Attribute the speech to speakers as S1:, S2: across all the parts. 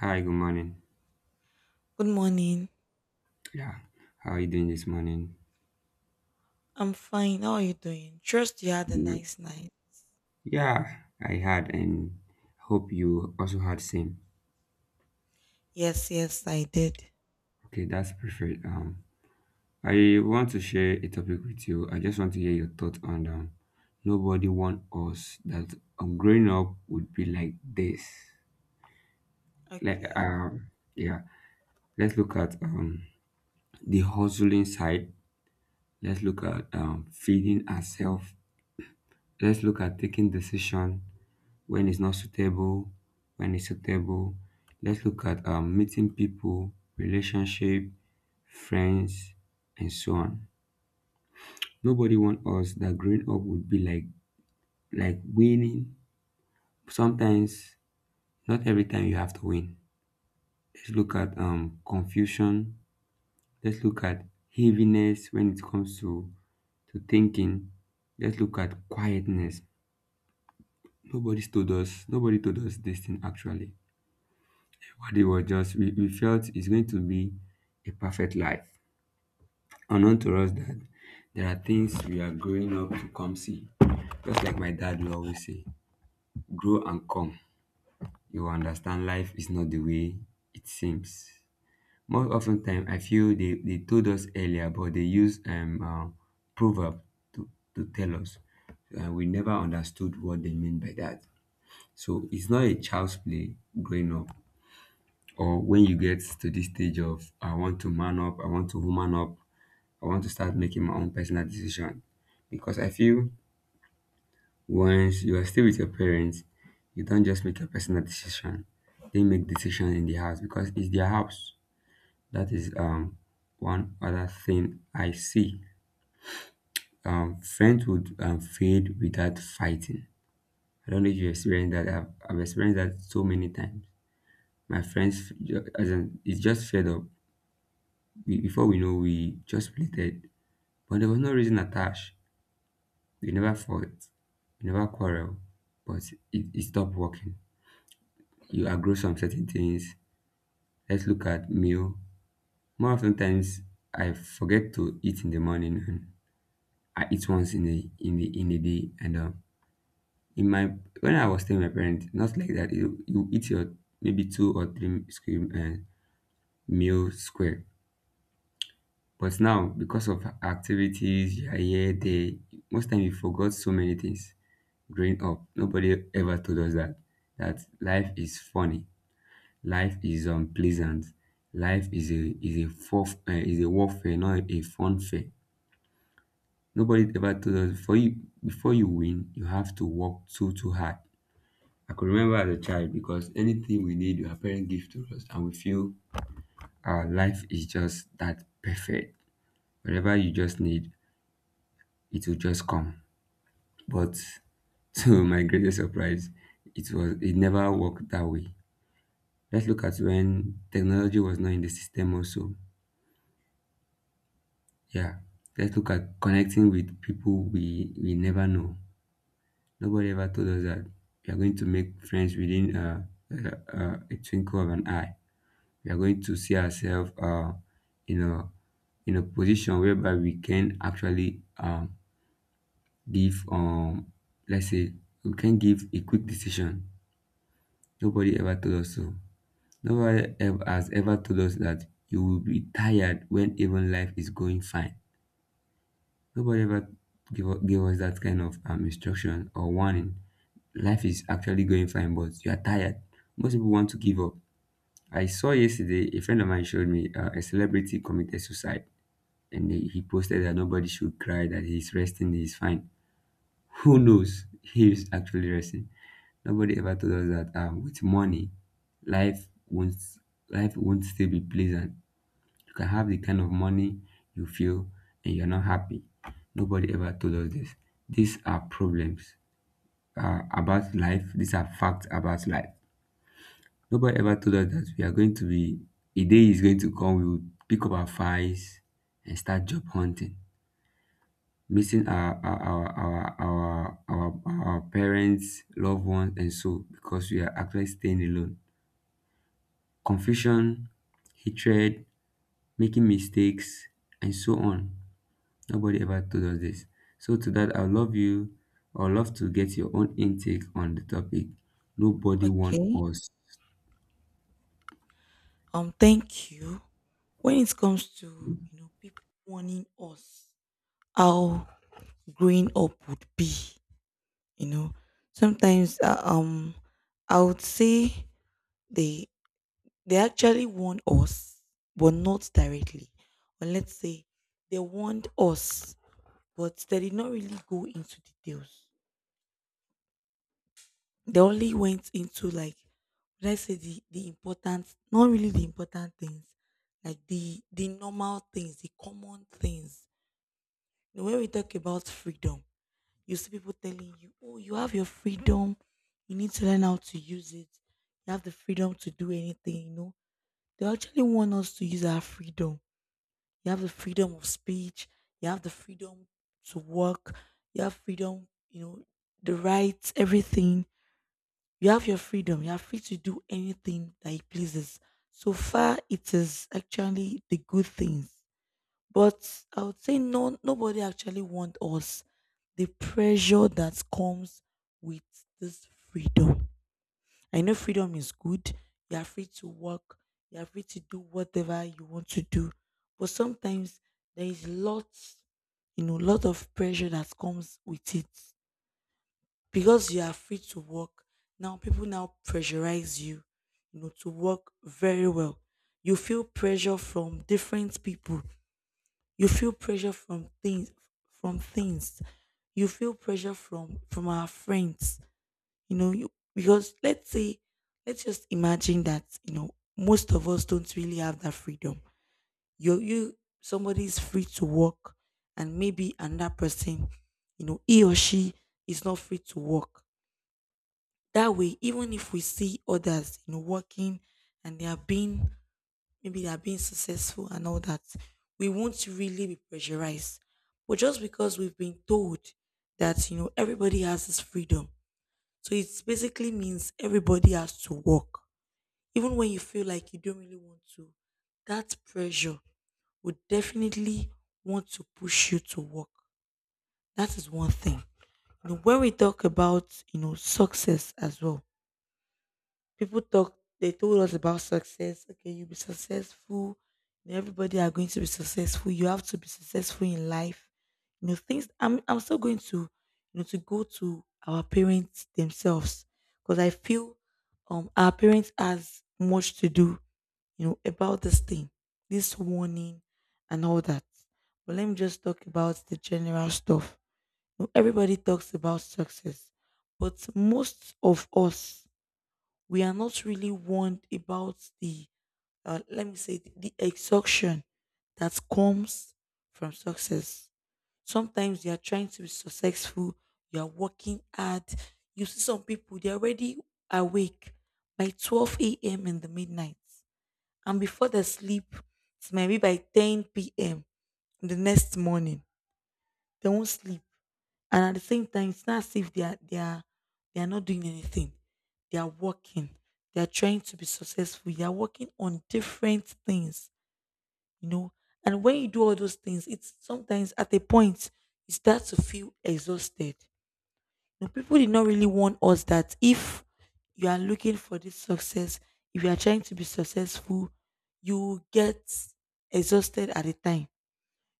S1: Hi, good morning.
S2: Good morning.
S1: Yeah, how are you doing this morning?
S2: I'm fine. How are you doing? Trust you had a
S1: Mm,
S2: nice night.
S1: yeah, I had, and hope you also had same.
S2: Yes, yes, I did.
S1: Okay, that's perfect. I want to share a topic with you. I just want to hear your thoughts on. Nobody want us that growing up would be like this. Like,
S2: Okay.
S1: yeah, let's look at the hustling side. Let's look at feeding ourselves. Let's look at taking decision, when it's not suitable, when it's suitable. Let's look at meeting people, relationship, friends, and so on. Nobody wants us that growing up would be like winning. Sometimes, not every time you have to win. Let's look at confusion. Let's look at heaviness when it comes to thinking. Let's look at quietness. Nobody told us. Nobody told us this thing actually. What it was, just we felt it's going to be a perfect life, unknown to us that there are things we are growing up to come see, just like my dad will always say, grow and come, you will understand life is not the way it seems. More often time, I feel they told us earlier, but they use proverb to, to tell us, and we never understood what they mean by that. So it's not a child's play growing up, or when you get to this stage of I want to man up, I want to woman up, I want to start making my own personal decision. Because I feel once you are still with your parents, you don't just make a personal decision. They make decision in the house because it's their house. That is one other thing I see. Friends would fade without fighting. I don't know if you experienced that. I've experienced that so many times. My friends, as in, it's just fed up. We, before we know, we just related, but there was no reason attached. We never fought, we never quarrel, but it stopped working. You agree some certain things. Let's look at meal. More often times, I forget to eat in the morning, and I eat once in the in the day, and in my when I was staying with my parents, not like that. You eat your, maybe two or three square meal square. But now, because of activities, you are here there, most time you forgot so many things. Growing up, nobody ever told us that life is funny, life is unpleasant, life is a warfare, not a fun fair. Nobody ever told us, for you, before you win, you have to work too hard. I could remember as a child, because anything we need, our parents give to us, and we feel our life is just that perfect. Whatever you just need, it will just come. But to my greatest surprise, it never worked that way. Let's look at when technology was not in the system also. Yeah. Let's look at connecting with people we never know. Nobody ever told us that we are going to make friends within uh, a twinkle of an eye. We are going to see ourselves in a in a position whereby we can actually give let's say we can give a quick decision. Nobody ever told us so. Nobody ever has ever told us that you will be tired when even life is going fine. Nobody ever gave us that kind of instruction or warning. Life is actually going fine, but you are tired. Most people want to give up. I saw yesterday, a friend of mine showed me a celebrity committed suicide, and he posted that nobody should cry, that he's resting, he's fine. Who knows? He is actually resting. Nobody ever told us that with money, life won't life won't still be pleasant. You can have the kind of money you feel and you're not happy. Nobody ever told us this. These are problems about life. These are facts about life. Nobody ever told us that we are going to be, a day is going to come, we will pick up our files and start job hunting, missing our parents, loved ones, and so, because we are actually staying alone. Confusion, hatred, making mistakes, and so on. Nobody ever told us this. So to that, I love you, I would love to get your own intake on the topic. Nobody warned
S2: Okay.
S1: us.
S2: Thank you. When it comes to, you know, people warning us how growing up would be, you know, sometimes I would say they they actually warn us, but not directly. Or let's say they warned us, but they did not really go into details. They only went into, like, let's say the important, not really the important things, like the normal things, the common things. You know, when we talk about freedom, you see people telling you, oh, you have your freedom, you need to learn how to use it. You have the freedom to do anything, you know. They actually want us to use our freedom. You have the freedom of speech, you have the freedom to work, you have freedom, you know, the rights, everything. You have your freedom. You are free to do anything that it pleases. So far, it is actually the good things. But I would say no, nobody actually wants us the pressure that comes with this freedom. I know freedom is good. You are free to work. You are free to do whatever you want to do. But sometimes there is lots, you know, lot of pressure that comes with it, because you are free to work. Now people now pressurize you, you know, to work very well. You feel pressure from different people, you feel pressure from things, from things, you feel pressure from our friends. You know, you, because let's say, let's just imagine that, you know, most of us don't really have that freedom. You somebody is free to work, and maybe another person, you know, he or she is not free to work. That way, even if we see others, you know, working, and they are being, maybe they are being successful and all that, we won't really be pressurized. But just because we've been told that, you know, everybody has this freedom. So it basically means everybody has to work. Even when you feel like you don't really want to, that pressure would definitely want to push you to work. That is one thing. You know, when we talk about, you know, success as well, people talk, they told us about success. Okay, you'll be successful. And everybody are going to be successful. You have to be successful in life. You know, things I'm still going to, you know, to go to our parents themselves. Because I feel our parents has much to do, you know, about this thing, this warning and all that. But let me just talk about the general stuff. You know, everybody talks about success, but most of us, we are not really warned about the let me say the exhaustion that comes from success. Sometimes you are trying to be successful, you are working hard. You see some people, they're already awake by 12 a.m in the midnight, and before they sleep, it's maybe by 10 p.m. The next morning, they won't sleep. And at the same time, it's not as if they are not doing anything. They are working, they are trying to be successful, they are working on different things, you know. And when you do all those things, it's sometimes at a point you start to feel exhausted. You know, people did not really warn us that if you are looking for this success, if you are trying to be successful, you will get exhausted at a time.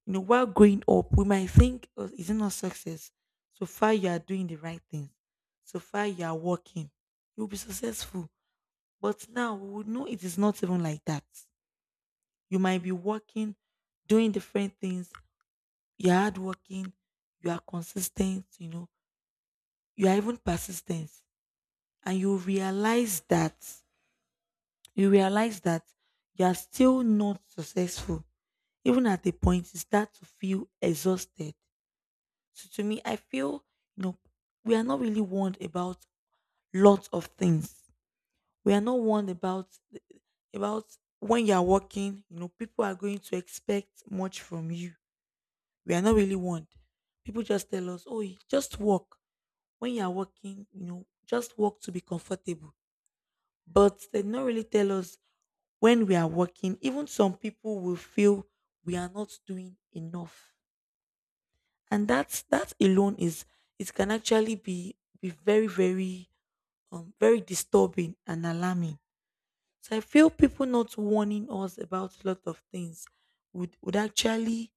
S2: You know, while growing up, we might think, oh, is it not success? So far, you are doing the right things. So far, you are working. You'll be successful. But now we would know it is not even like that. You might be working, doing different things. You're hardworking. You are consistent. You know, you are even persistent. And you realize that you are still not successful. Even at the point, you start to feel exhausted. So to me, I feel, you know, we are not really warned about lots of things. We are not warned about, when you are working. You know, people are going to expect much from you. We are not really warned. People just tell us, "Oh, just walk." When you are working, you know, just walk to be comfortable. But they don't really tell us when we are working, even some people will feel we are not doing enough. And that alone is, it can actually be very very very disturbing and alarming. So I feel people not warning us about a lot of things would actually,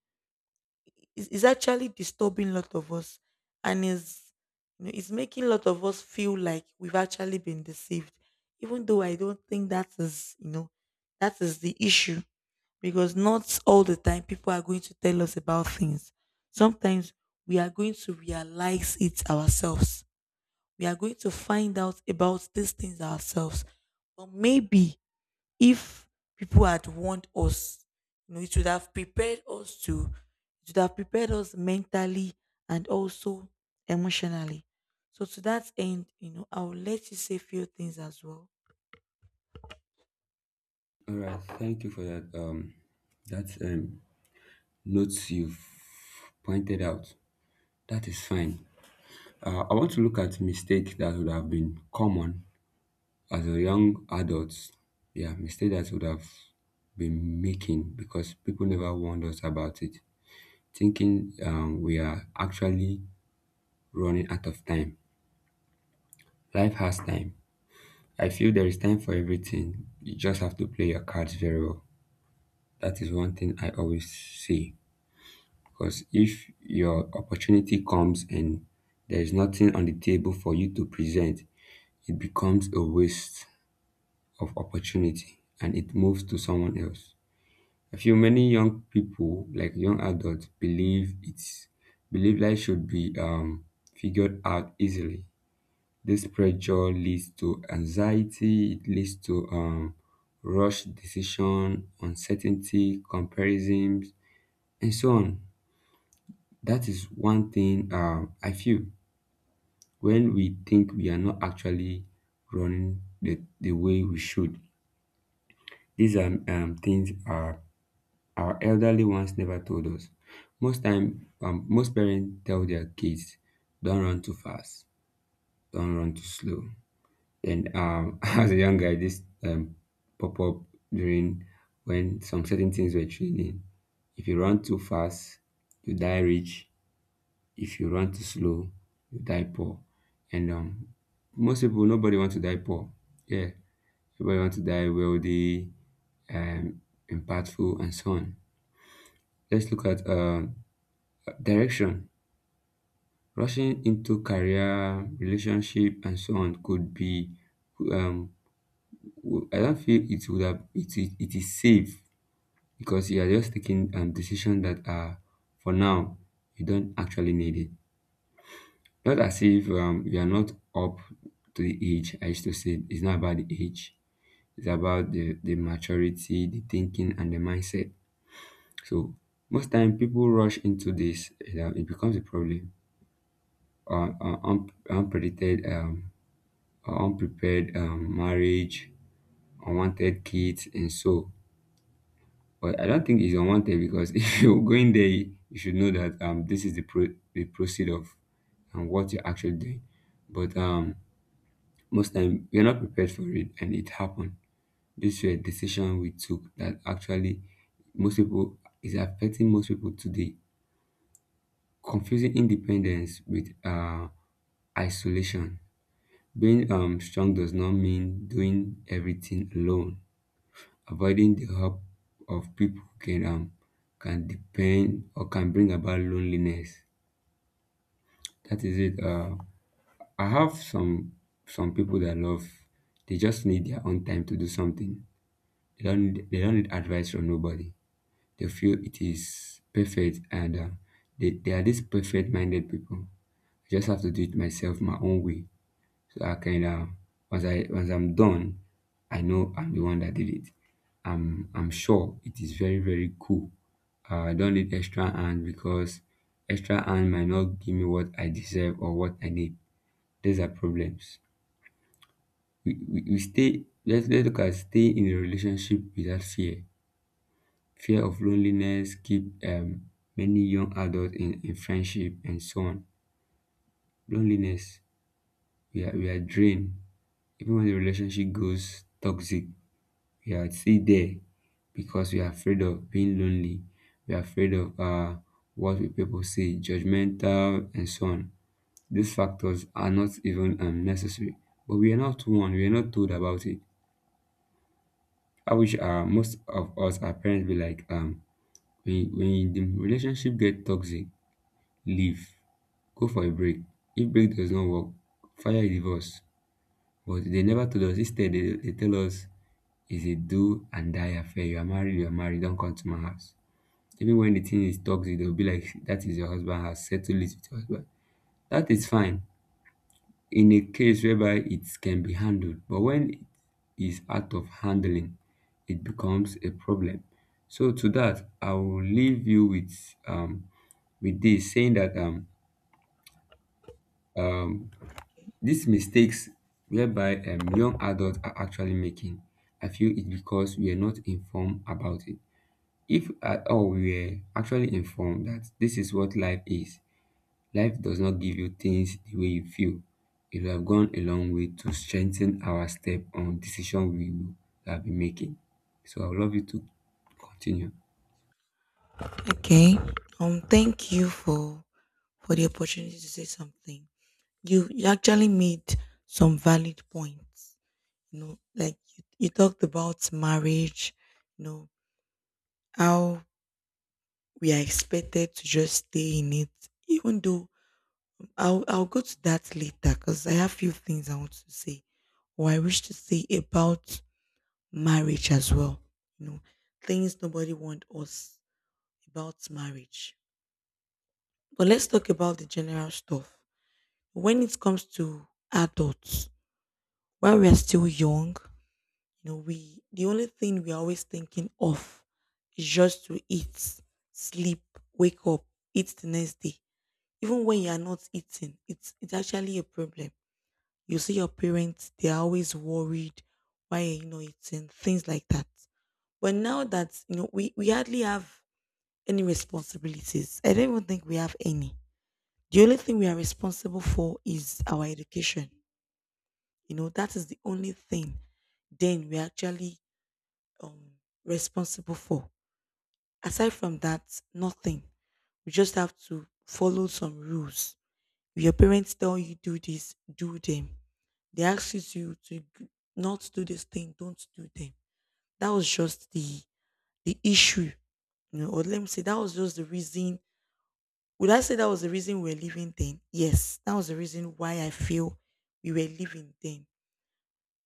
S2: is actually disturbing a lot of us. And is, you know, it's making a lot of us feel like we've actually been deceived, even though I don't think that is, you know, that is the issue. Because not all the time people are going to tell us about things. Sometimes we are going to realize it ourselves. We are going to find out about these things ourselves. But maybe if people had warned us, you know, it would have prepared us mentally, and also emotionally. So to that end, you know, I will let you say a few things as well.
S1: All right, thank you for that. That notes you've pointed out. That is fine. I want to look at mistakes that would have been common as a young adults. Yeah, mistakes that would have been making because people never warned us about it, thinking we are actually running out of time. Life has time. I feel there is time for everything. You just have to play your cards very well. That is one thing I always say. Because if your opportunity comes and there is nothing on the table for you to present, it becomes a waste of opportunity, and it moves to someone else. I feel many young people, like young adults, believe it's believe life should be figured out easily. This pressure leads to anxiety, it leads to rush decision, uncertainty, comparisons, and so on. That is one thing, I feel when we think we are not actually running the way we should. These are things our elderly ones never told us. Most time, most parents tell their kids, don't run too fast, don't run too slow. And, as a young guy, this pop up during, when some certain things were training. If you run too fast, you die rich. If you run too slow, you die poor. And, most people, nobody wants to die poor. Yeah, everybody wants to die wealthy, um, impactful, and so on. Let's look at direction. Rushing into career, relationship, and so on could be um, I don't feel it would have it is safe, because you are just taking decisions that are for now, you don't actually need it. Not as if you are not up to the age. I used to say, it's not about the age. It's about the maturity, the thinking, and the mindset. So most time people rush into this. It becomes a problem. Unpredicted, unprepared marriage, unwanted kids, and so. But I don't think it's unwanted, because if you're going there, you should know that this is the proceed of, and what you're actually doing. But most time we're not prepared for it, and it happened. This is a decision we took that actually, most people is affecting most people today. Confusing independence with isolation. Being strong does not mean doing everything alone. Avoiding the help of people can depend, or can bring about loneliness. That is it. I have some people that I love, they just need their own time to do something. They don't need advice from nobody. They feel it is perfect, and they are these perfect minded people. I just have to do it myself, my own way. So I kind of, once I'm done, I know I'm the one that did it. I'm sure it is very very cool. I don't need extra hand, because extra hand might not give me what I deserve or what I need. These are problems. We stay Let's look at stay in a relationship without fear. Fear of loneliness keep many young adults in friendship and so on. Loneliness, we are drained even when the relationship goes toxic. We are still there because we are afraid of being lonely. We are afraid of what will people say, judgmental, and so on. These factors are not even necessary, but we are not warned. We are not told about it. I wish, most of us, our parents, be like, when the relationship get toxic, leave, go for a break. If break does not work, fire a divorce. But they never told us. Instead, they tell us, is a do and die affair. You are married, don't come to my house. Even when the thing is toxic, they'll be like, that is your husband, has settled it with your husband. That is fine in a case whereby it can be handled, but when it is out of handling, it becomes a problem. So to that, I will leave you with this saying that um these mistakes whereby young adults are actually making. I feel it's because we are not informed about it. If at all we are actually informed that this is what life is, life does not give you things the way you feel. It would have gone a long way to strengthen our step on decision we will have been making. So I would love you to continue.
S2: Okay. Thank you for the opportunity to say something. You actually made some valid points. You know, like you talked about marriage, you know, how we are expected to just stay in it, even though I'll go to that later, because I have few things I want to say, or I wish to say about marriage as well. You know, things nobody want us about marriage. But let's talk about the general stuff. When it comes to adults, while we are still young, you know, we, the only thing we're always thinking of is just to eat, sleep, wake up, eat the next day. Even when you are not eating, it's actually a problem. You see your parents, they're always worried why you are not eating, things like that. But now that you know we hardly have any responsibilities. I don't even think we have any. The only thing we are responsible for is our education. You know, that is the only thing. Then we actually, um, responsible for. Aside from that, nothing. We just have to follow some rules. If your parents tell you do this, do them. They ask you to, g- not do this thing, don't do them. That was just the issue, you know, or let me say that was just the reason. Would I say that was the reason we were leaving then? Yes, that was the reason why I feel we were leaving then.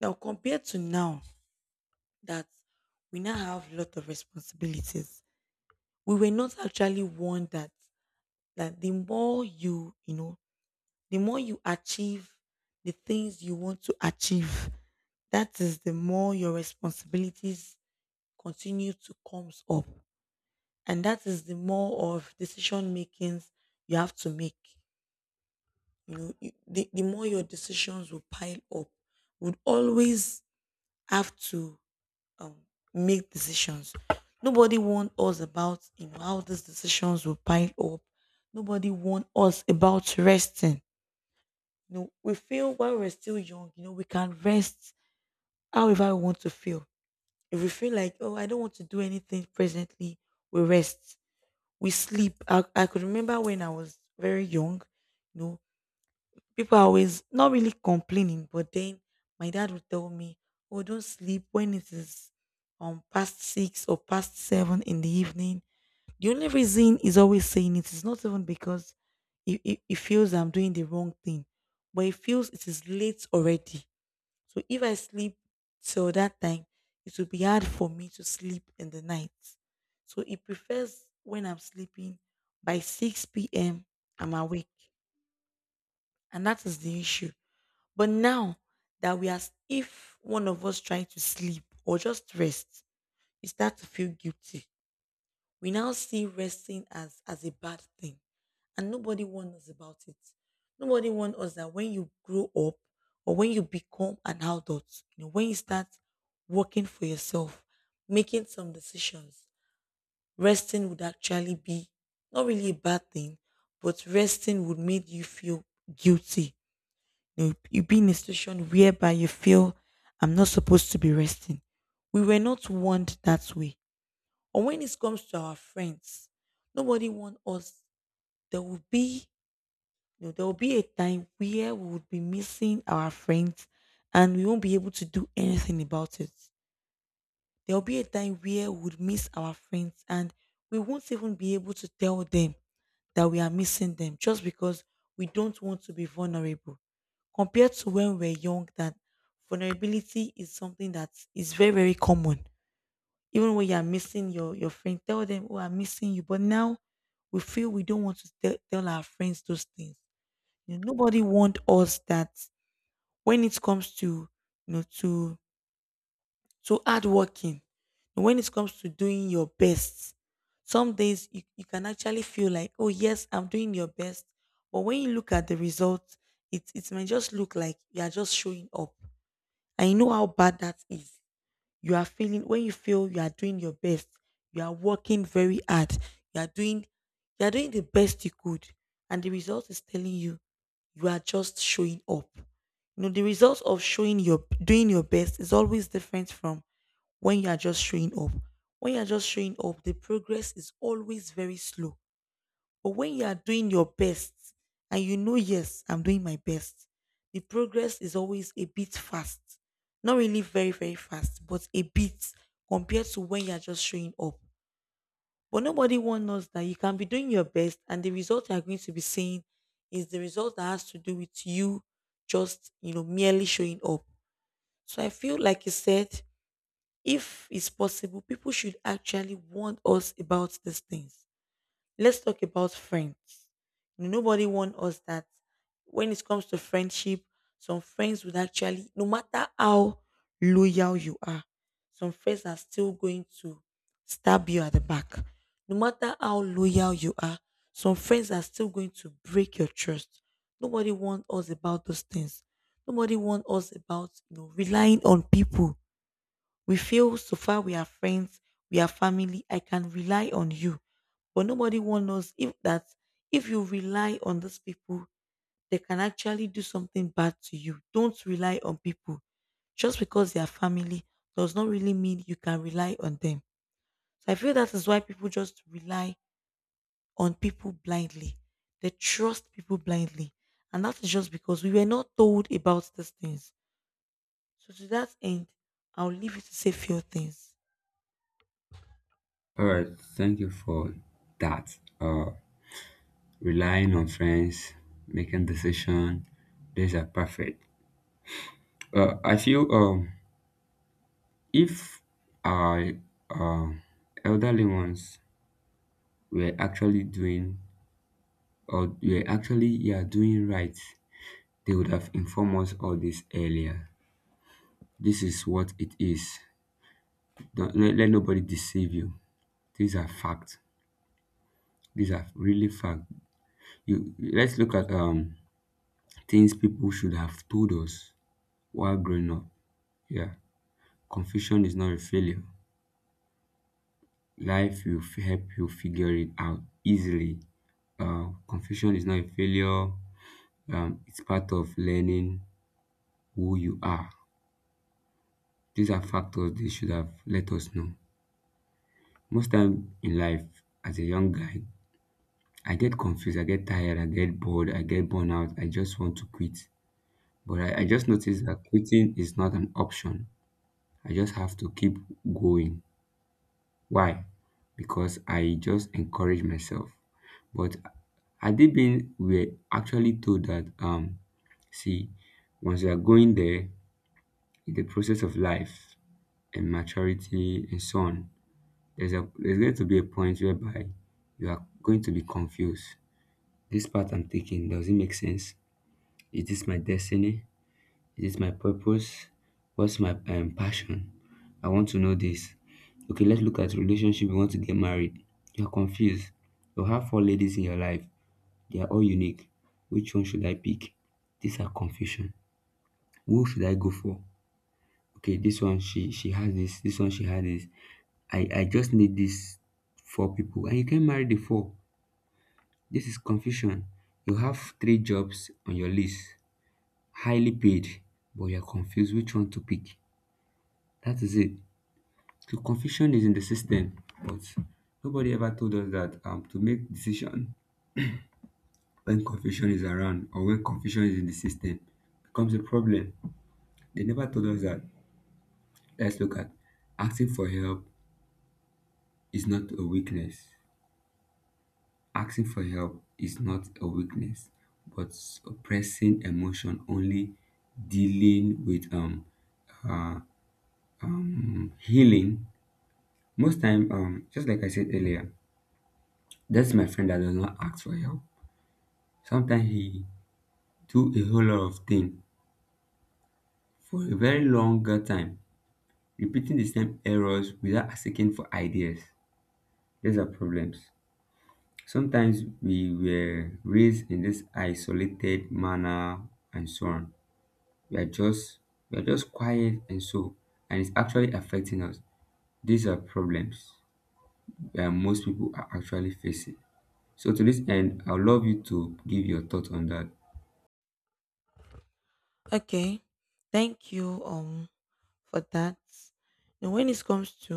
S2: Now compared to now that we now have a lot of responsibilities, we were not actually warned that, that the more you, you know, the more you achieve the things you want to achieve, that is the more your responsibilities continue to comes up, and that is the more of decision makings you have to make. You know, you- the more your decisions will pile up, would always have to, um, make decisions. Nobody warned us about, you know, how these decisions will pile up. Nobody warned us about resting. You know, we feel while we're still young, you know, we can rest however we want to feel. If we feel like, oh, I don't want to do anything presently, we rest. We sleep. I could remember when I was very young, you know, people are always not really complaining, but then my dad would tell me, oh, don't sleep when it is past 6 or past 7 in the evening. The only reason he's always saying it is not even because he feels I'm doing the wrong thing, but he feels it is late already. So if I sleep till that time, it will be hard for me to sleep in the night. So he prefers when I'm sleeping by 6 p.m. I'm awake. And that is the issue. But now that we are, if one of us trying to sleep or just rest, you start to feel guilty. We now see resting as a bad thing, and nobody warned us about it. Nobody warned us that when you grow up or when you become an adult, you know, when you start working for yourself, making some decisions, resting would actually be not really a bad thing, but resting would make you feel guilty. You be in a situation whereby you feel I'm not supposed to be resting. We were not warned that way. Or when it comes to our friends, nobody wants us. There will be there will be a time where we would be missing our friends and we won't be able to do anything about it. There will be a time where we would miss our friends and we won't even be able to tell them that we are missing them just because we don't want to be vulnerable compared to when we're young, that vulnerability is something that is very, very common. Even when you're missing your friend, tell them, oh, I'm missing you. But now we feel we don't want to tell our friends those things. You know, nobody want us that. When it comes to you know to so hard working. When it comes to doing your best, some days you can actually feel like, oh yes, I'm doing your best. But when you look at the results, it may just look like you are just showing up. And you know how bad that is. You are feeling when you feel you are doing your best, you are working very hard, you are doing you are doing the best you could. And the result is telling you you are just showing up. You know, the result of showing your doing your best is always different from when you are just showing up. When you are just showing up, the progress is always very slow. But when you are doing your best and you know, yes, I'm doing my best, the progress is always a bit fast. Not really very, very fast, but a bit, compared to when you are just showing up. But nobody wants us that you can be doing your best and the result you are going to be seeing is the result that has to do with you just, you know, merely showing up. So I feel, like you said, if it's possible, people should actually warn us about these things. Let's talk about friends. Nobody warned us that when it comes to friendship, some friends would actually, no matter how loyal you are, some friends are still going to stab you at the back. No matter how loyal you are, some friends are still going to break your trust. Nobody warned us about those things. Nobody warned us about, you know, relying on people. We feel, so far we are friends, we are family, I can rely on you. But nobody one knows if that, if you rely on these people, they can actually do something bad to you. Don't rely on people. Just because they are family does not really mean you can rely on them. So I feel that is why people just rely on people blindly. They trust people blindly. And that is just because we were not told about these things. So to that end, I'll leave you to say few things.
S1: All right, thank you for that. Relying on friends, making decision, these are perfect. I feel if our uh, elderly ones were actually doing or were actually, yeah, doing right, they would have informed us all this earlier. This is what it is. Don't let, Let nobody deceive you. These are facts. These are really facts. You, let's look at things people should have told us while growing up. Yeah. Confusion is not a failure. Life will help you figure it out easily. Confusion is not a failure. It's part of learning who you are. These are factors they should have let us know. Most time in life, as a young guy, I get confused, I get tired, I get bored, I get burned out, I just want to quit. But I just noticed that quitting is not an option. I just have to keep going. Why? Because I just encourage myself. But had they been were actually told that, see, once you are going there in the process of life and maturity and so on, there's going to be a point whereby you are going to be confused. This path I'm taking, does it make sense? Is this my destiny? Is this my purpose? What's my passion? I want to know this. Okay, let's look at relationship. You want to get married. You're confused. You have four ladies in your life. They are all unique. Which one should I pick? These are confusion. Who should I go for? Okay, this one she has this. This one she has this. I just need these four people, and you can marry the four. This is confusion. You have three jobs on your list, highly paid, but you're confused which one to pick. That is it. The confusion is in the system, but nobody ever told us that, to make decision when confusion is around or when confusion is in the system becomes a problem. They never told us that. Let's look at asking for help is not a weakness. Asking for help is not a weakness, but suppressing emotion only dealing with healing most time, just like I said earlier. That's my friend that does not ask for help. Sometimes he do a whole lot of things for a very longer time, repeating the same errors without asking for ideas. These are problems. Sometimes we were raised in this isolated manner and so on. We are just we are just quiet and so, and it's actually affecting us. These are problems that most people are actually facing. So to this end, I'd love you to give your thoughts on that.
S2: Okay. Thank you for that. Now, when it comes to,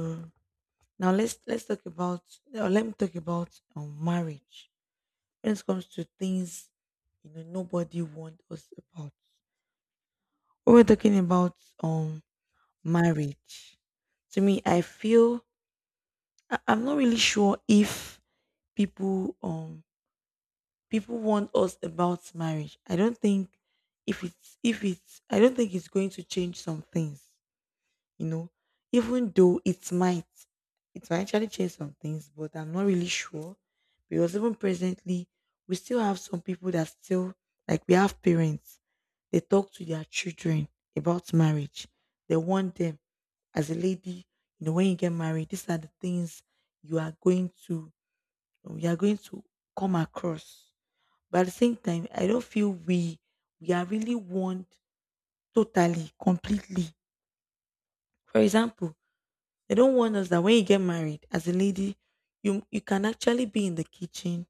S2: now let's talk about, now let me talk about marriage. When it comes to things, you know, nobody warned us about. When we're talking about um marriage, to me I feel I'm not really sure if people people warned us about marriage. I don't think if it's, I don't think it's going to change some things, you know, even though it might actually change some things, but I'm not really sure. Because even presently, we still have some people that still, like, we have parents, they talk to their children about marriage. They want them, as a lady, you know, when you get married, these are the things you are going to, you are going to come across. But at the same time, I don't feel we are really warned totally, completely. For example, they don't warn us that when you get married as a lady, you can actually be in the kitchen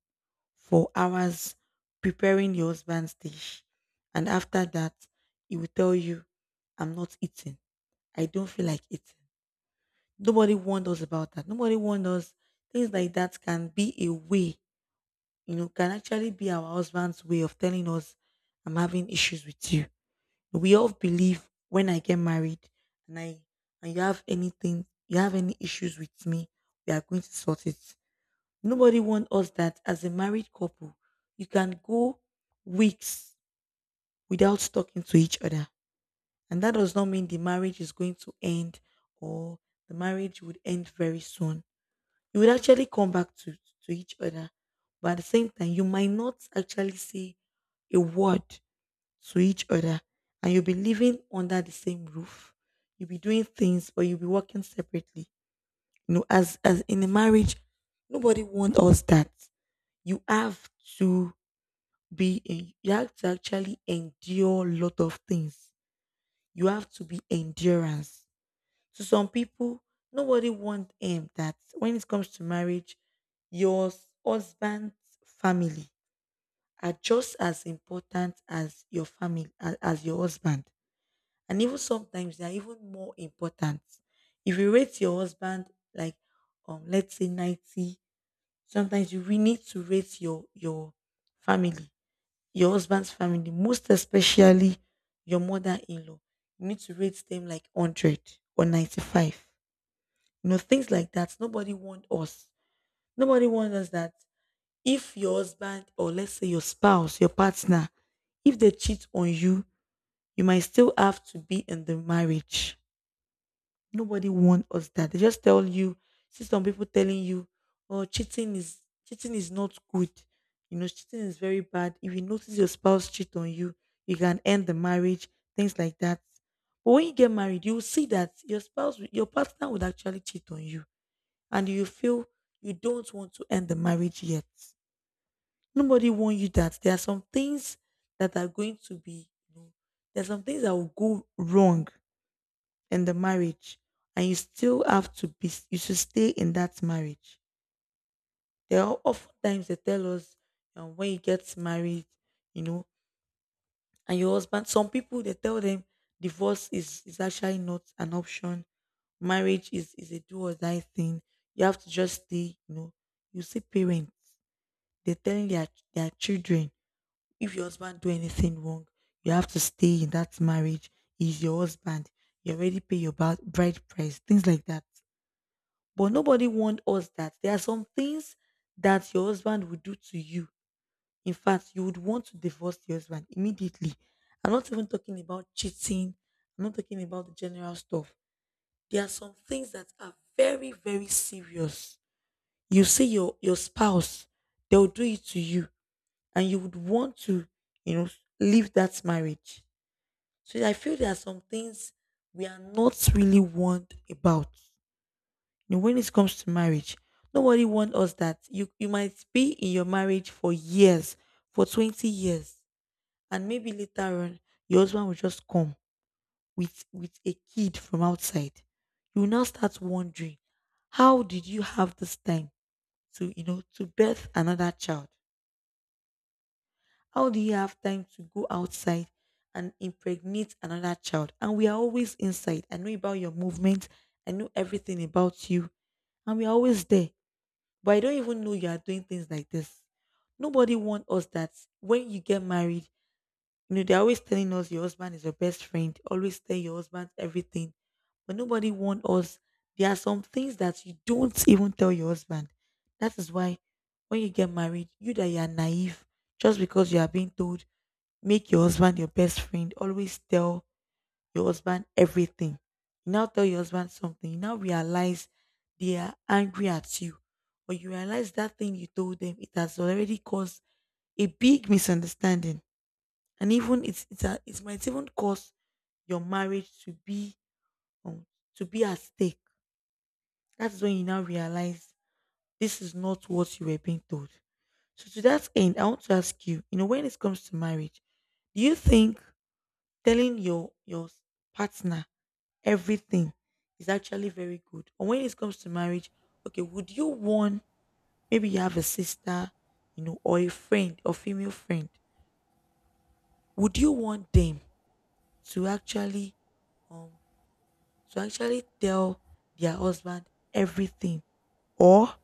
S2: for hours preparing your husband's dish. And after that, he will tell you, I'm not eating. I don't feel like eating. Nobody warned us about that. Nobody warned us things like that can be a way, you know, can actually be our husband's way of telling us, I'm having issues with you. We all believe, when I get married and I, and you have anything, you have any issues with me, we are going to sort it. Nobody wants us that as a married couple, you can go weeks without talking to each other. And that does not mean the marriage is going to end, or the marriage would end very soon. You would actually come back to, each other. But at the same time, you might not actually say a word to each other, and you'll be living under the same roof. You'll be doing things but you'll be working separately. You know, as in a marriage, nobody wants us that. You have to be in, you have to actually endure a lot of things. You have to be endurance. To some people, nobody wants him that when it comes to marriage, your husband's family are just as important as your family, as your husband. And even sometimes they are even more important. If you rate your husband like, let's say, 90, sometimes you really need to rate your family, your husband's family, most especially your mother-in-law. You need to rate them like 100 or 95. You know, things like that. Nobody want us. Nobody wants us that if your husband, or let's say your spouse, your partner, if they cheat on you, you might still have to be in the marriage. Nobody warned us that. They just tell you, see, some people telling you, oh, cheating is, cheating is not good. You know, cheating is very bad. If you notice your spouse cheat on you, you can end the marriage, things like that. But when you get married, you will see that your spouse, your partner would actually cheat on you. And you feel you don't want to end the marriage yet. Nobody warned you that. There are some things that are going to be, you know, there are some things that will go wrong and the marriage, and you still have to be, you should stay in that marriage. There are often times they tell us, when you get married, you know, and your husband, some people they tell them, divorce is, actually not an option. Marriage is, a do or die thing. You have to just stay, you know. You see parents, they're telling their children, if your husband do anything wrong, you have to stay in that marriage. He's your husband. You already pay your bride price, things like that. But nobody warned us that there are some things that your husband would do to you. In fact, you would want to divorce your husband immediately. I'm not even talking about cheating. I'm not talking about the general stuff. There are some things that are very, very serious. You see your, spouse, they'll do it to you. And you would want to, you know, leave that marriage. So I feel there are some things we are not really warned about. You know, when it comes to marriage, nobody wants us that you might be in your marriage for years, for 20 years, and maybe later on your husband will just come with a kid from outside. You will now start wondering, how did you have this time to, you know, to birth another child? How do you have time to go outside and impregnate another child? And we are always inside. I know about your movement. I know everything about you, and we're always there. But I don't even know you are doing things like this. Nobody want us that when you get married, you know, they're always telling us your husband is your best friend. Always tell your husband everything. But nobody want us. There are some things that you don't even tell your husband. That is why when you get married, you that you are naive, just because you are being told, make your husband your best friend. Always tell your husband everything. You now tell your husband something. You now realize they are angry at you. Or you realize that thing you told them, it has already caused a big misunderstanding. And even it might even cause your marriage um, to be at stake. That's when you now realize this is not what you were being told. So to that end, I want to ask you, you know, when it comes to marriage, do you think telling your partner everything is actually very good? And when it comes to marriage, okay, would you want, maybe you have a sister, you know, or a friend or female friend, would you want them to actually um to actually tell their husband everything, or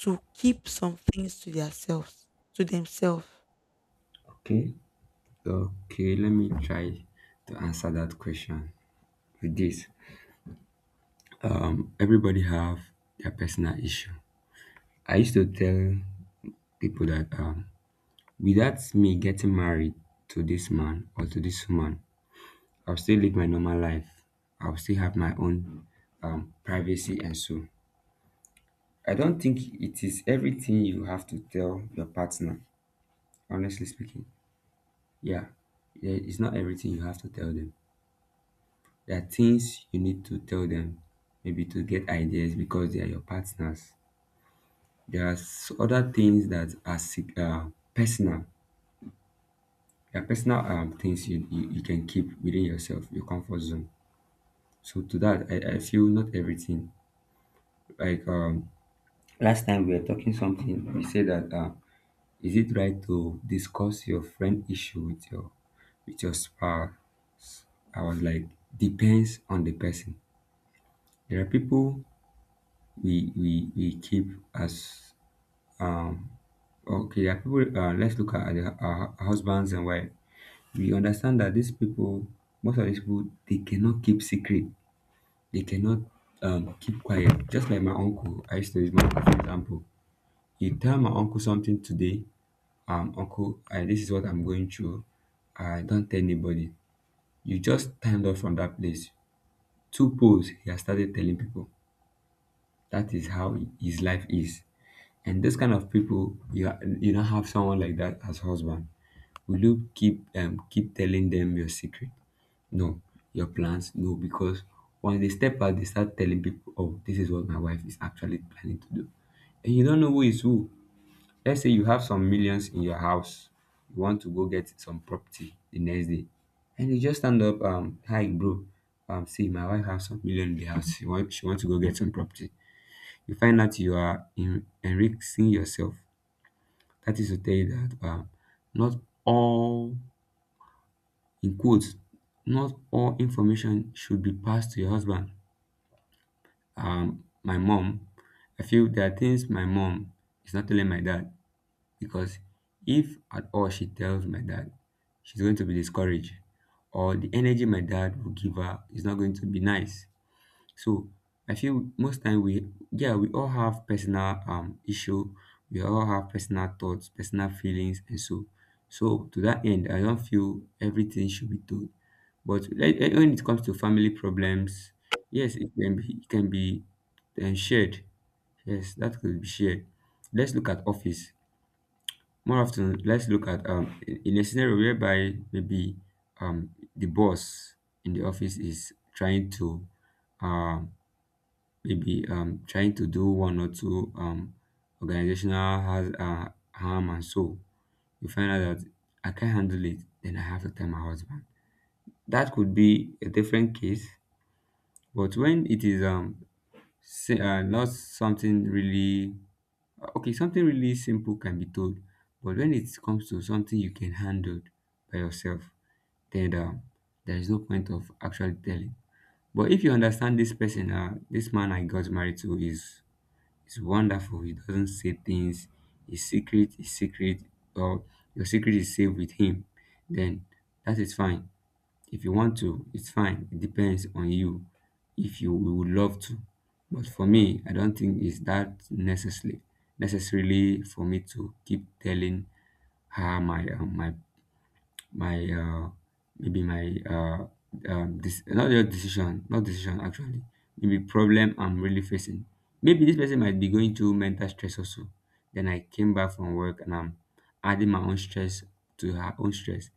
S2: to keep some things to themselves to themselves?
S1: Okay. Okay, let me try to answer that question with this. Everybody have their personal issue. I used to tell people that, without me getting married to this man or to this woman, I'll still live my normal life. I'll still have my own, privacy and so. I don't think it is everything you have to tell your partner. Honestly speaking, yeah, Yeah, it's not everything you have to tell them. There are things you need to tell them, maybe to get ideas because they are your partners. There are other things that are personal. There are personal, things you, you can keep within yourself, your comfort zone. So to that, I feel not everything. Like, last time we were talking something, we said that, is it right to discuss your friend issue with your spouse? I was like, depends on the person. There are people we keep as — okay, there are people, let's look at our husbands and wife. We understand that these people, most of these people, they cannot keep secret, they cannot keep quiet. Just like my uncle, I used to use my uncle for example. You tell my uncle something today, uncle, this is what I'm going through, I don't tell anybody. You just stand up from that place, two poles, he has started telling people. That is how his life is. And those kind of people, you you don't have someone like that as husband. Will you keep keep telling them your secret? No, your plans. No, because once they step out, they start telling people, "Oh, this is what my wife is actually planning to do," and you don't know who is who. Let's say you have some millions in your house, you want to go get some property the next day, and you just stand up, hi, bro, see, my wife has some million in the house. She want to go get some property. You find out you are enriching yourself. That is to tell you that, not all, in quotes, not all information should be passed to your husband. My mom, I feel there are things my mom is not telling my dad, because if at all she tells my dad, she's going to be discouraged, or the energy my dad will give her is not going to be nice. So I feel most time, we all have personal, issue, we all have personal thoughts, personal feelings and so. So to that end, I don't feel everything should be told. But like, when it comes to family problems, yes, it can be shared. Yes, that could be shared. Let's look at office. More often, let's look at, in a scenario whereby maybe, the boss in the office is trying to um maybe, trying to do one or two, organizational has, harm and soul. You find out that I can't handle it, then I have to tell my husband. That could be a different case, but when it is, not something really, okay, something really simple can be told, but when it comes to something you can handle by yourself, then, there is no point of actually telling. But if you understand this person, this man I got married to is, it's wonderful. He doesn't say things. His secret is secret, or your secret is safe with him. Then that is fine. If you want to, it's fine. It depends on you. If you would love to, but for me, I don't think it's that necessarily for me to keep telling her my, my, maybe my, this not decision actually, maybe problem I'm really facing. Maybe this person might be going through mental stress also, then I came back from work and I'm adding my own stress to her own stress.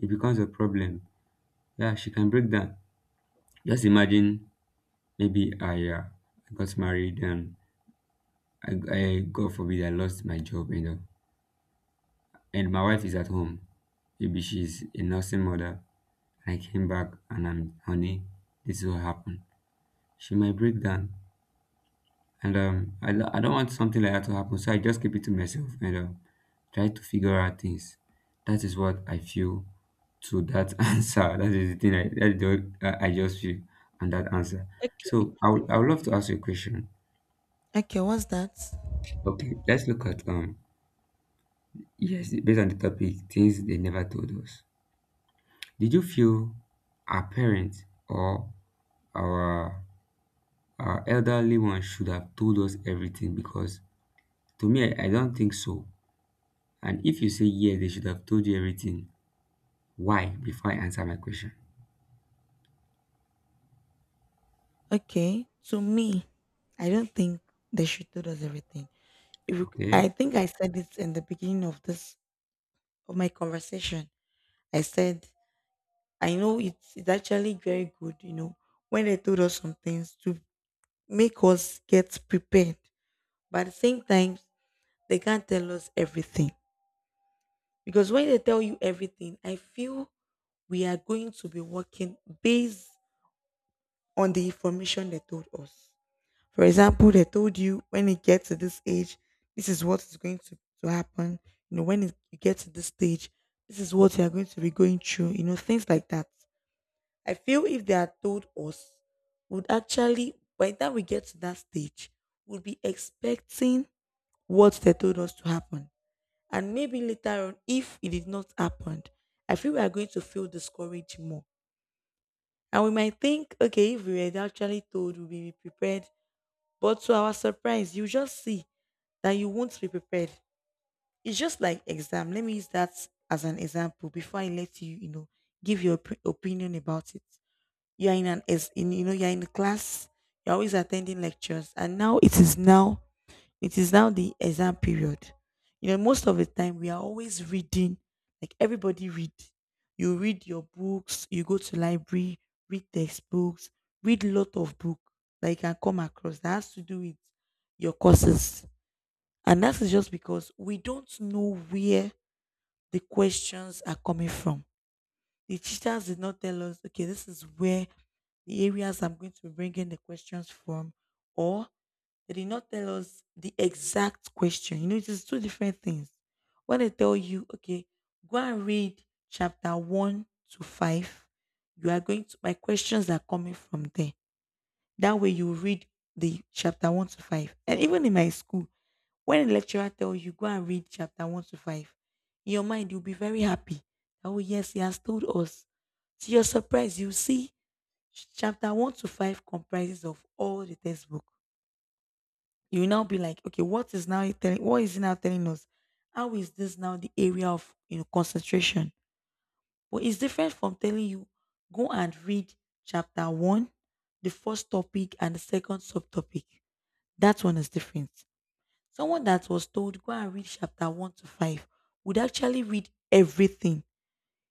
S1: It becomes a problem. Yeah, she can break down. Just imagine, maybe I, got married and, I, god forbid, I lost my job, you know, and my wife is at home, maybe she's a nursing mother. I came back and I'm, honey, this will happen. She might break down, and, I don't want something like that to happen, so I just keep it to myself and, try to figure out things. That is what I feel to that answer. That is the thing I that is the, I just feel on that answer.
S2: Okay.
S1: So I would love to ask you a question.
S2: Okay, what's that?
S1: Okay, let's look at, yes, based on the topic, things they never told us. Did you feel our parents or our — our elderly ones should have told us everything? Because to me, I don't think so. And if you say yes, they should have told you everything. Why? Before I answer my question.
S2: Okay, to me, I don't think they should tell us everything. If you-
S1: Okay.
S2: I think I said it in the beginning of my conversation. I said I know it's actually very good, when they told us some things to make us get prepared. But at the same time, they can't tell us everything because when they tell you everything, I feel we are going to be working based on the information they told us. For example, they told you when it gets to this age, this is what is going to happen. You get to this stage, this is what you are going to be going through. Things like that. I feel if they are told us, would actually, by the time we get to that stage, would be expecting what they told us to happen. And maybe later on, if it did not happen, I feel we are going to feel discouraged more. And we might think, okay, if we were actually told, we'll be prepared. But to our surprise, you just see that you won't be prepared. It's just like exam. Let me use that as an example before I let you, give your opinion about it. You're in an ex- in you know You're in a class. You're always attending lectures, and now it is now the exam period. Most of the time we are always reading. Like everybody read. You read your books. You go to library, read textbooks, read lot of book that you can come across that has to do with your courses and that is just because we don't know where the questions are coming from. The teachers did not tell us, okay, this is where the areas I'm going to be bringing the questions from, or they did not tell us the exact question. It is two different things. When they tell you, okay, go and read chapter one to five, you are going to, my questions are coming from there. That way you read the chapter one to five. And even in my school, when a lecturer tells you go and read chapter one to five, in your mind you'll be very happy. Oh yes, he has told us. To your surprise, you see chapter one to five comprises of all the textbook. You will now be like, okay, what is now he telling? What is he now telling us? How is this now the area of concentration? But it's different from telling you go and read chapter one, the first topic and the second subtopic. That one is different. Someone that was told go and read chapter 1 to 5 would actually read everything.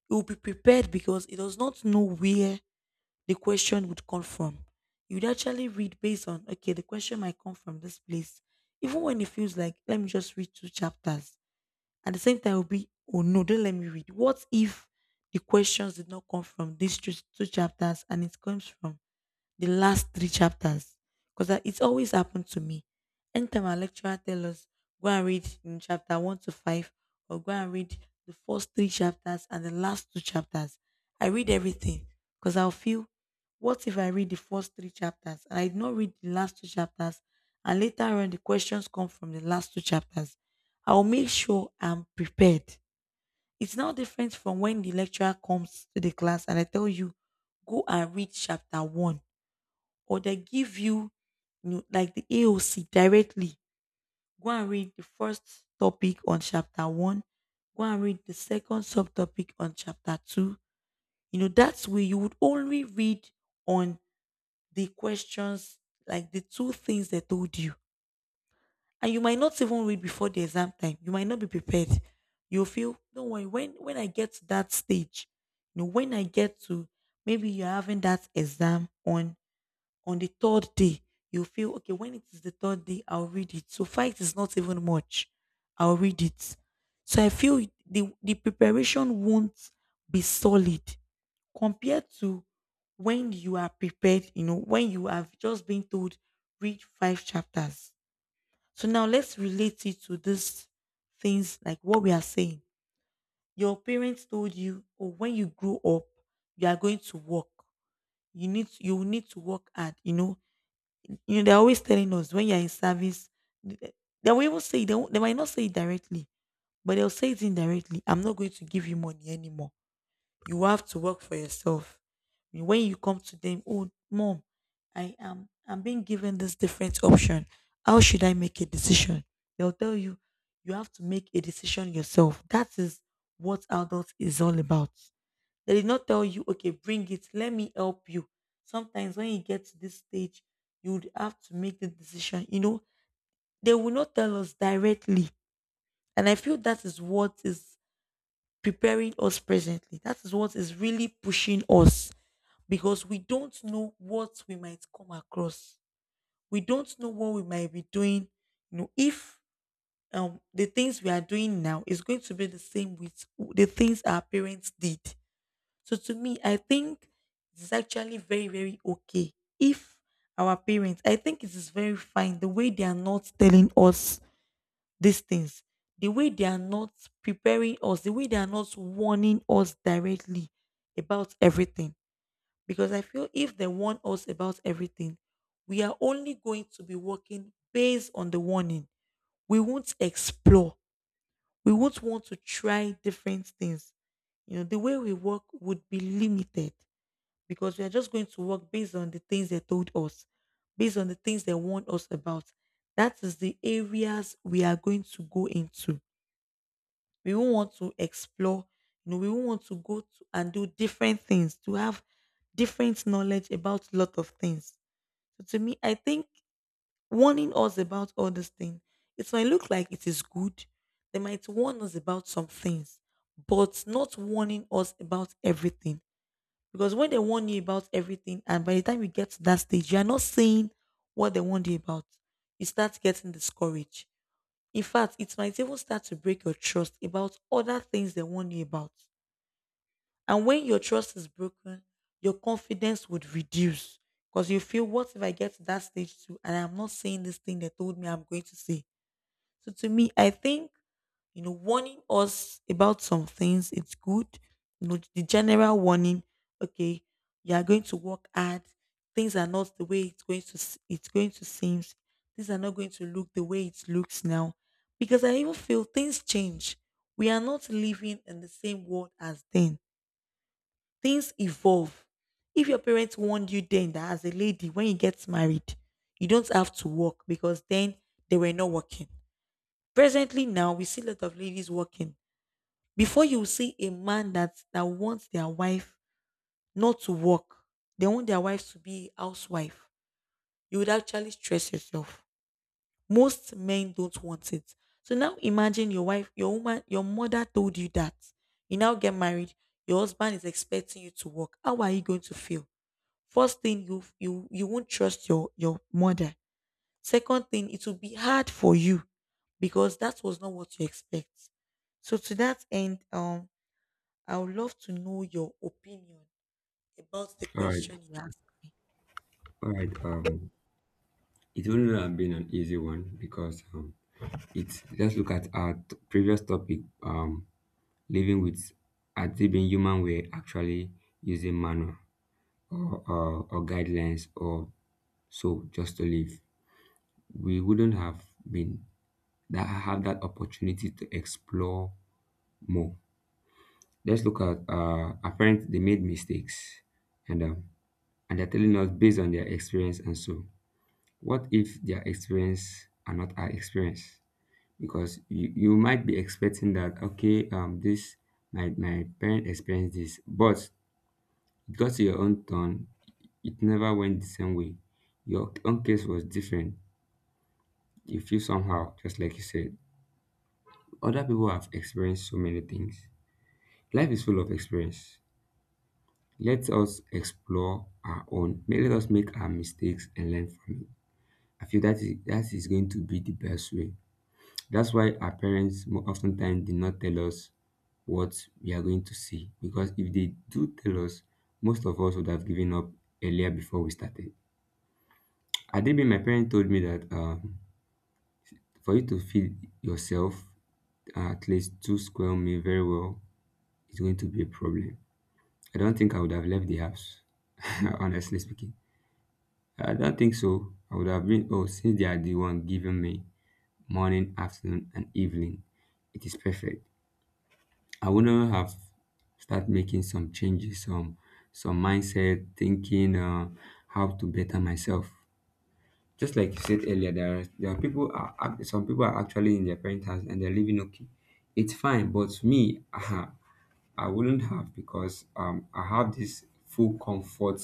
S2: He would be prepared because he does not know where the question would come from. He would actually read based on, okay, the question might come from this place. Even when he feels like, let me just read two chapters. At the same time, he'll be, oh no, don't let me read. What if the questions did not come from these two chapters and it comes from the last three chapters because it's always happened to me. Anytime our lecturer tell us, go and read in chapter one to five, or go and read the first three chapters and the last two chapters, I read everything because I'll feel, what if I read the first three chapters and I did not read the last two chapters, and later on the questions come from the last two chapters? I'll make sure I'm prepared. It's now different from when the lecturer comes to the class and I tell you, go and read chapter one or they give you, like the AOC directly. Go and read the first topic on chapter one. Go and read the second subtopic on chapter two. That's where you would only read on the questions, like the two things they told you. And you might not even read before the exam time. You might not be prepared. You'll feel, don't worry, when I get to that stage, when I get to maybe you're having that exam on the third day, you feel okay. When it is the third day, I'll read it. So fight is not even much. I'll read it. So I feel the preparation won't be solid compared to when you are prepared. When you have just been told read five chapters. So now let's relate it to these things like what we are saying. Your parents told you, oh, when you grow up, you are going to work. You will need to work hard. They're always telling us when you're in service, th- eh, they will even say, they might not say it directly, but they'll say it indirectly. I'm not going to give you money anymore. You have to work for yourself. When you come to them, oh, mom, I'm being given this different option. How should I make a decision? They'll tell you, you have to make a decision yourself. That is what adult is all about. They did not tell you, okay, bring it, let me help you. Sometimes when you get to this stage, you would have to make the decision. They will not tell us directly. And I feel that is what is preparing us presently. That is what is really pushing us because we don't know what we might come across. We don't know what we might be doing. If the things we are doing now is going to be the same with the things our parents did. So to me, I think it's actually very, very okay if our parents, I think it is very fine the way they are not telling us these things, the way they are not preparing us, the way they are not warning us directly about everything. Because I feel if they warn us about everything, we are only going to be working based on the warning. We won't explore. We won't want to try different things. You know, the way we work would be limited because we are just going to work based on the things they told us, based on the things they warned us about. That is the areas we are going to go into. We won't want to explore, we won't want to go to and do different things to have different knowledge about a lot of things. So to me, I think warning us about all these things, it might look like it is good. They might warn us about some things, but not warning us about everything. Because when they warn you about everything, and by the time you get to that stage, you are not saying what they warned you about. You start getting discouraged. In fact, it might even start to break your trust about other things they warn you about. And when your trust is broken, your confidence would reduce because you feel, what if I get to that stage too and I'm not saying this thing they told me I'm going to say? So to me, I think warning us about some things, it's good. The general warning, okay, you are going to work hard. Things are not the way it's going to seem. Things are not going to look the way it looks now. Because I even feel things change. We are not living in the same world as then. Things evolve. If your parents warned you then that as a lady, when you get married, you don't have to work because then they were not working. Presently now, we see a lot of ladies working before you see a man that wants their wife not to work, they want their wife to be a housewife, you would actually stress yourself. Most men don't want it. So now imagine your wife, your woman, your mother told you that. You now get married, your husband is expecting you to work. How are you going to feel? First thing you won't trust your mother. Second thing, it will be hard for you because that was not what you expect. So to that end, I would love to know your opinion about the
S1: All right.
S2: question you asked me.
S1: All right. It wouldn't have been an easy one because, it's just, look at our previous topic. Living with as it being human, we're actually using manual or, or guidelines or so just to live. We wouldn't have been that have that opportunity to explore more. Let's look at, our parents. They made mistakes, and, and they're telling us based on their experience. And so, what if their experience are not our experience? Because you might be expecting that, okay, this, my parent experienced this, but it got to your own turn. It never went the same way. Your own case was different. You feel somehow, just like you said. Other people have experienced so many things. Life is full of experience. Let us explore our own. Let us make our mistakes and learn from it. I feel that is going to be the best way. That's why our parents oftentimes did not tell us what we are going to see. Because if they do tell us, most of us would have given up earlier before we started. Adebe, my parent told me that for you to feed yourself at least two square meal very well is going to be a problem. I don't think I would have left the house, honestly speaking. I don't think so. I would have been, oh, since they are the one giving me morning, afternoon, and evening, it is perfect. I wouldn't have start making some changes, some mindset, thinking how to better myself. Just like you said earlier, there are some people are actually in their parents' house and they're living okay. It's fine, but me, I wouldn't have because I have this full comfort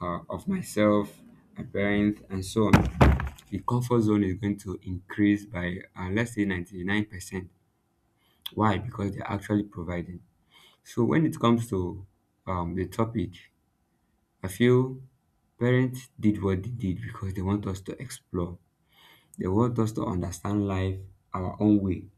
S1: of myself, my parents, and so on. The comfort zone is going to increase by let's say 99%. Why? Because they're actually providing. So when it comes to the topic, I feel parents did what they did because they want us to explore, they want us to understand life our own way,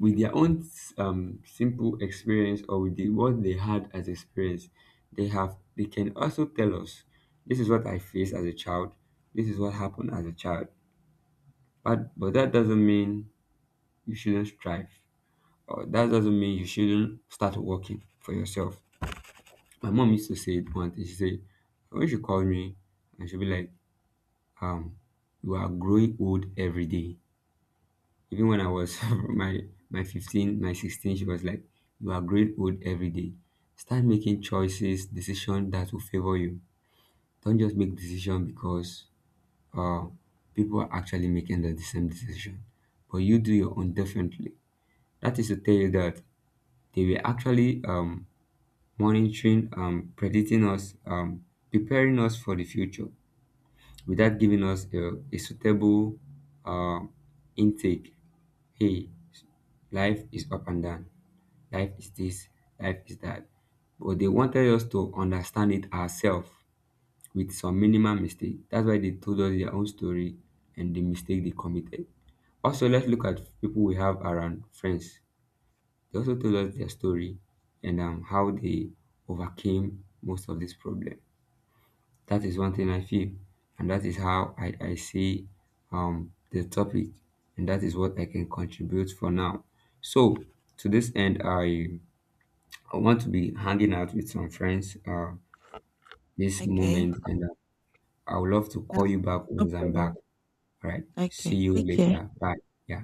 S1: with their own simple experience or with what they had as experience. They can also tell us, this is what I faced as a child, this is what happened as a child. But that doesn't mean you shouldn't strive, or that doesn't mean you shouldn't start working for yourself. My mom used to say it once. She said when she called me, and she'd be like, um, "You are growing old every day," even when I was my my 15, my 16, she was like, "You are growing old every day. Start making choices, decisions that will favor you. Don't just make decision because uh, people are actually making the same decision. But you do your own differently." That is to tell you that they were actually monitoring, predicting us, preparing us for the future without giving us a suitable uh, intake. Hey, life is up and down, life is this, life is that. But they wanted us to understand it ourselves with some minimal mistake. That's why they told us their own story and the mistake they committed. Also, let's look at people we have around friends. They also told us their story and how they overcame most of this problem. That is one
S2: Yes.
S1: thing I feel, and that is how I see the topic, and that is what I can contribute for now. So, to this end, I want to be hanging out with some friends this
S2: Okay.
S1: moment, and I would love to call
S2: That's
S1: you back
S2: no
S1: once I'm back.
S2: problem.
S1: All right, see
S2: Okay.
S1: you
S2: Take care.
S1: later. Bye. Yeah.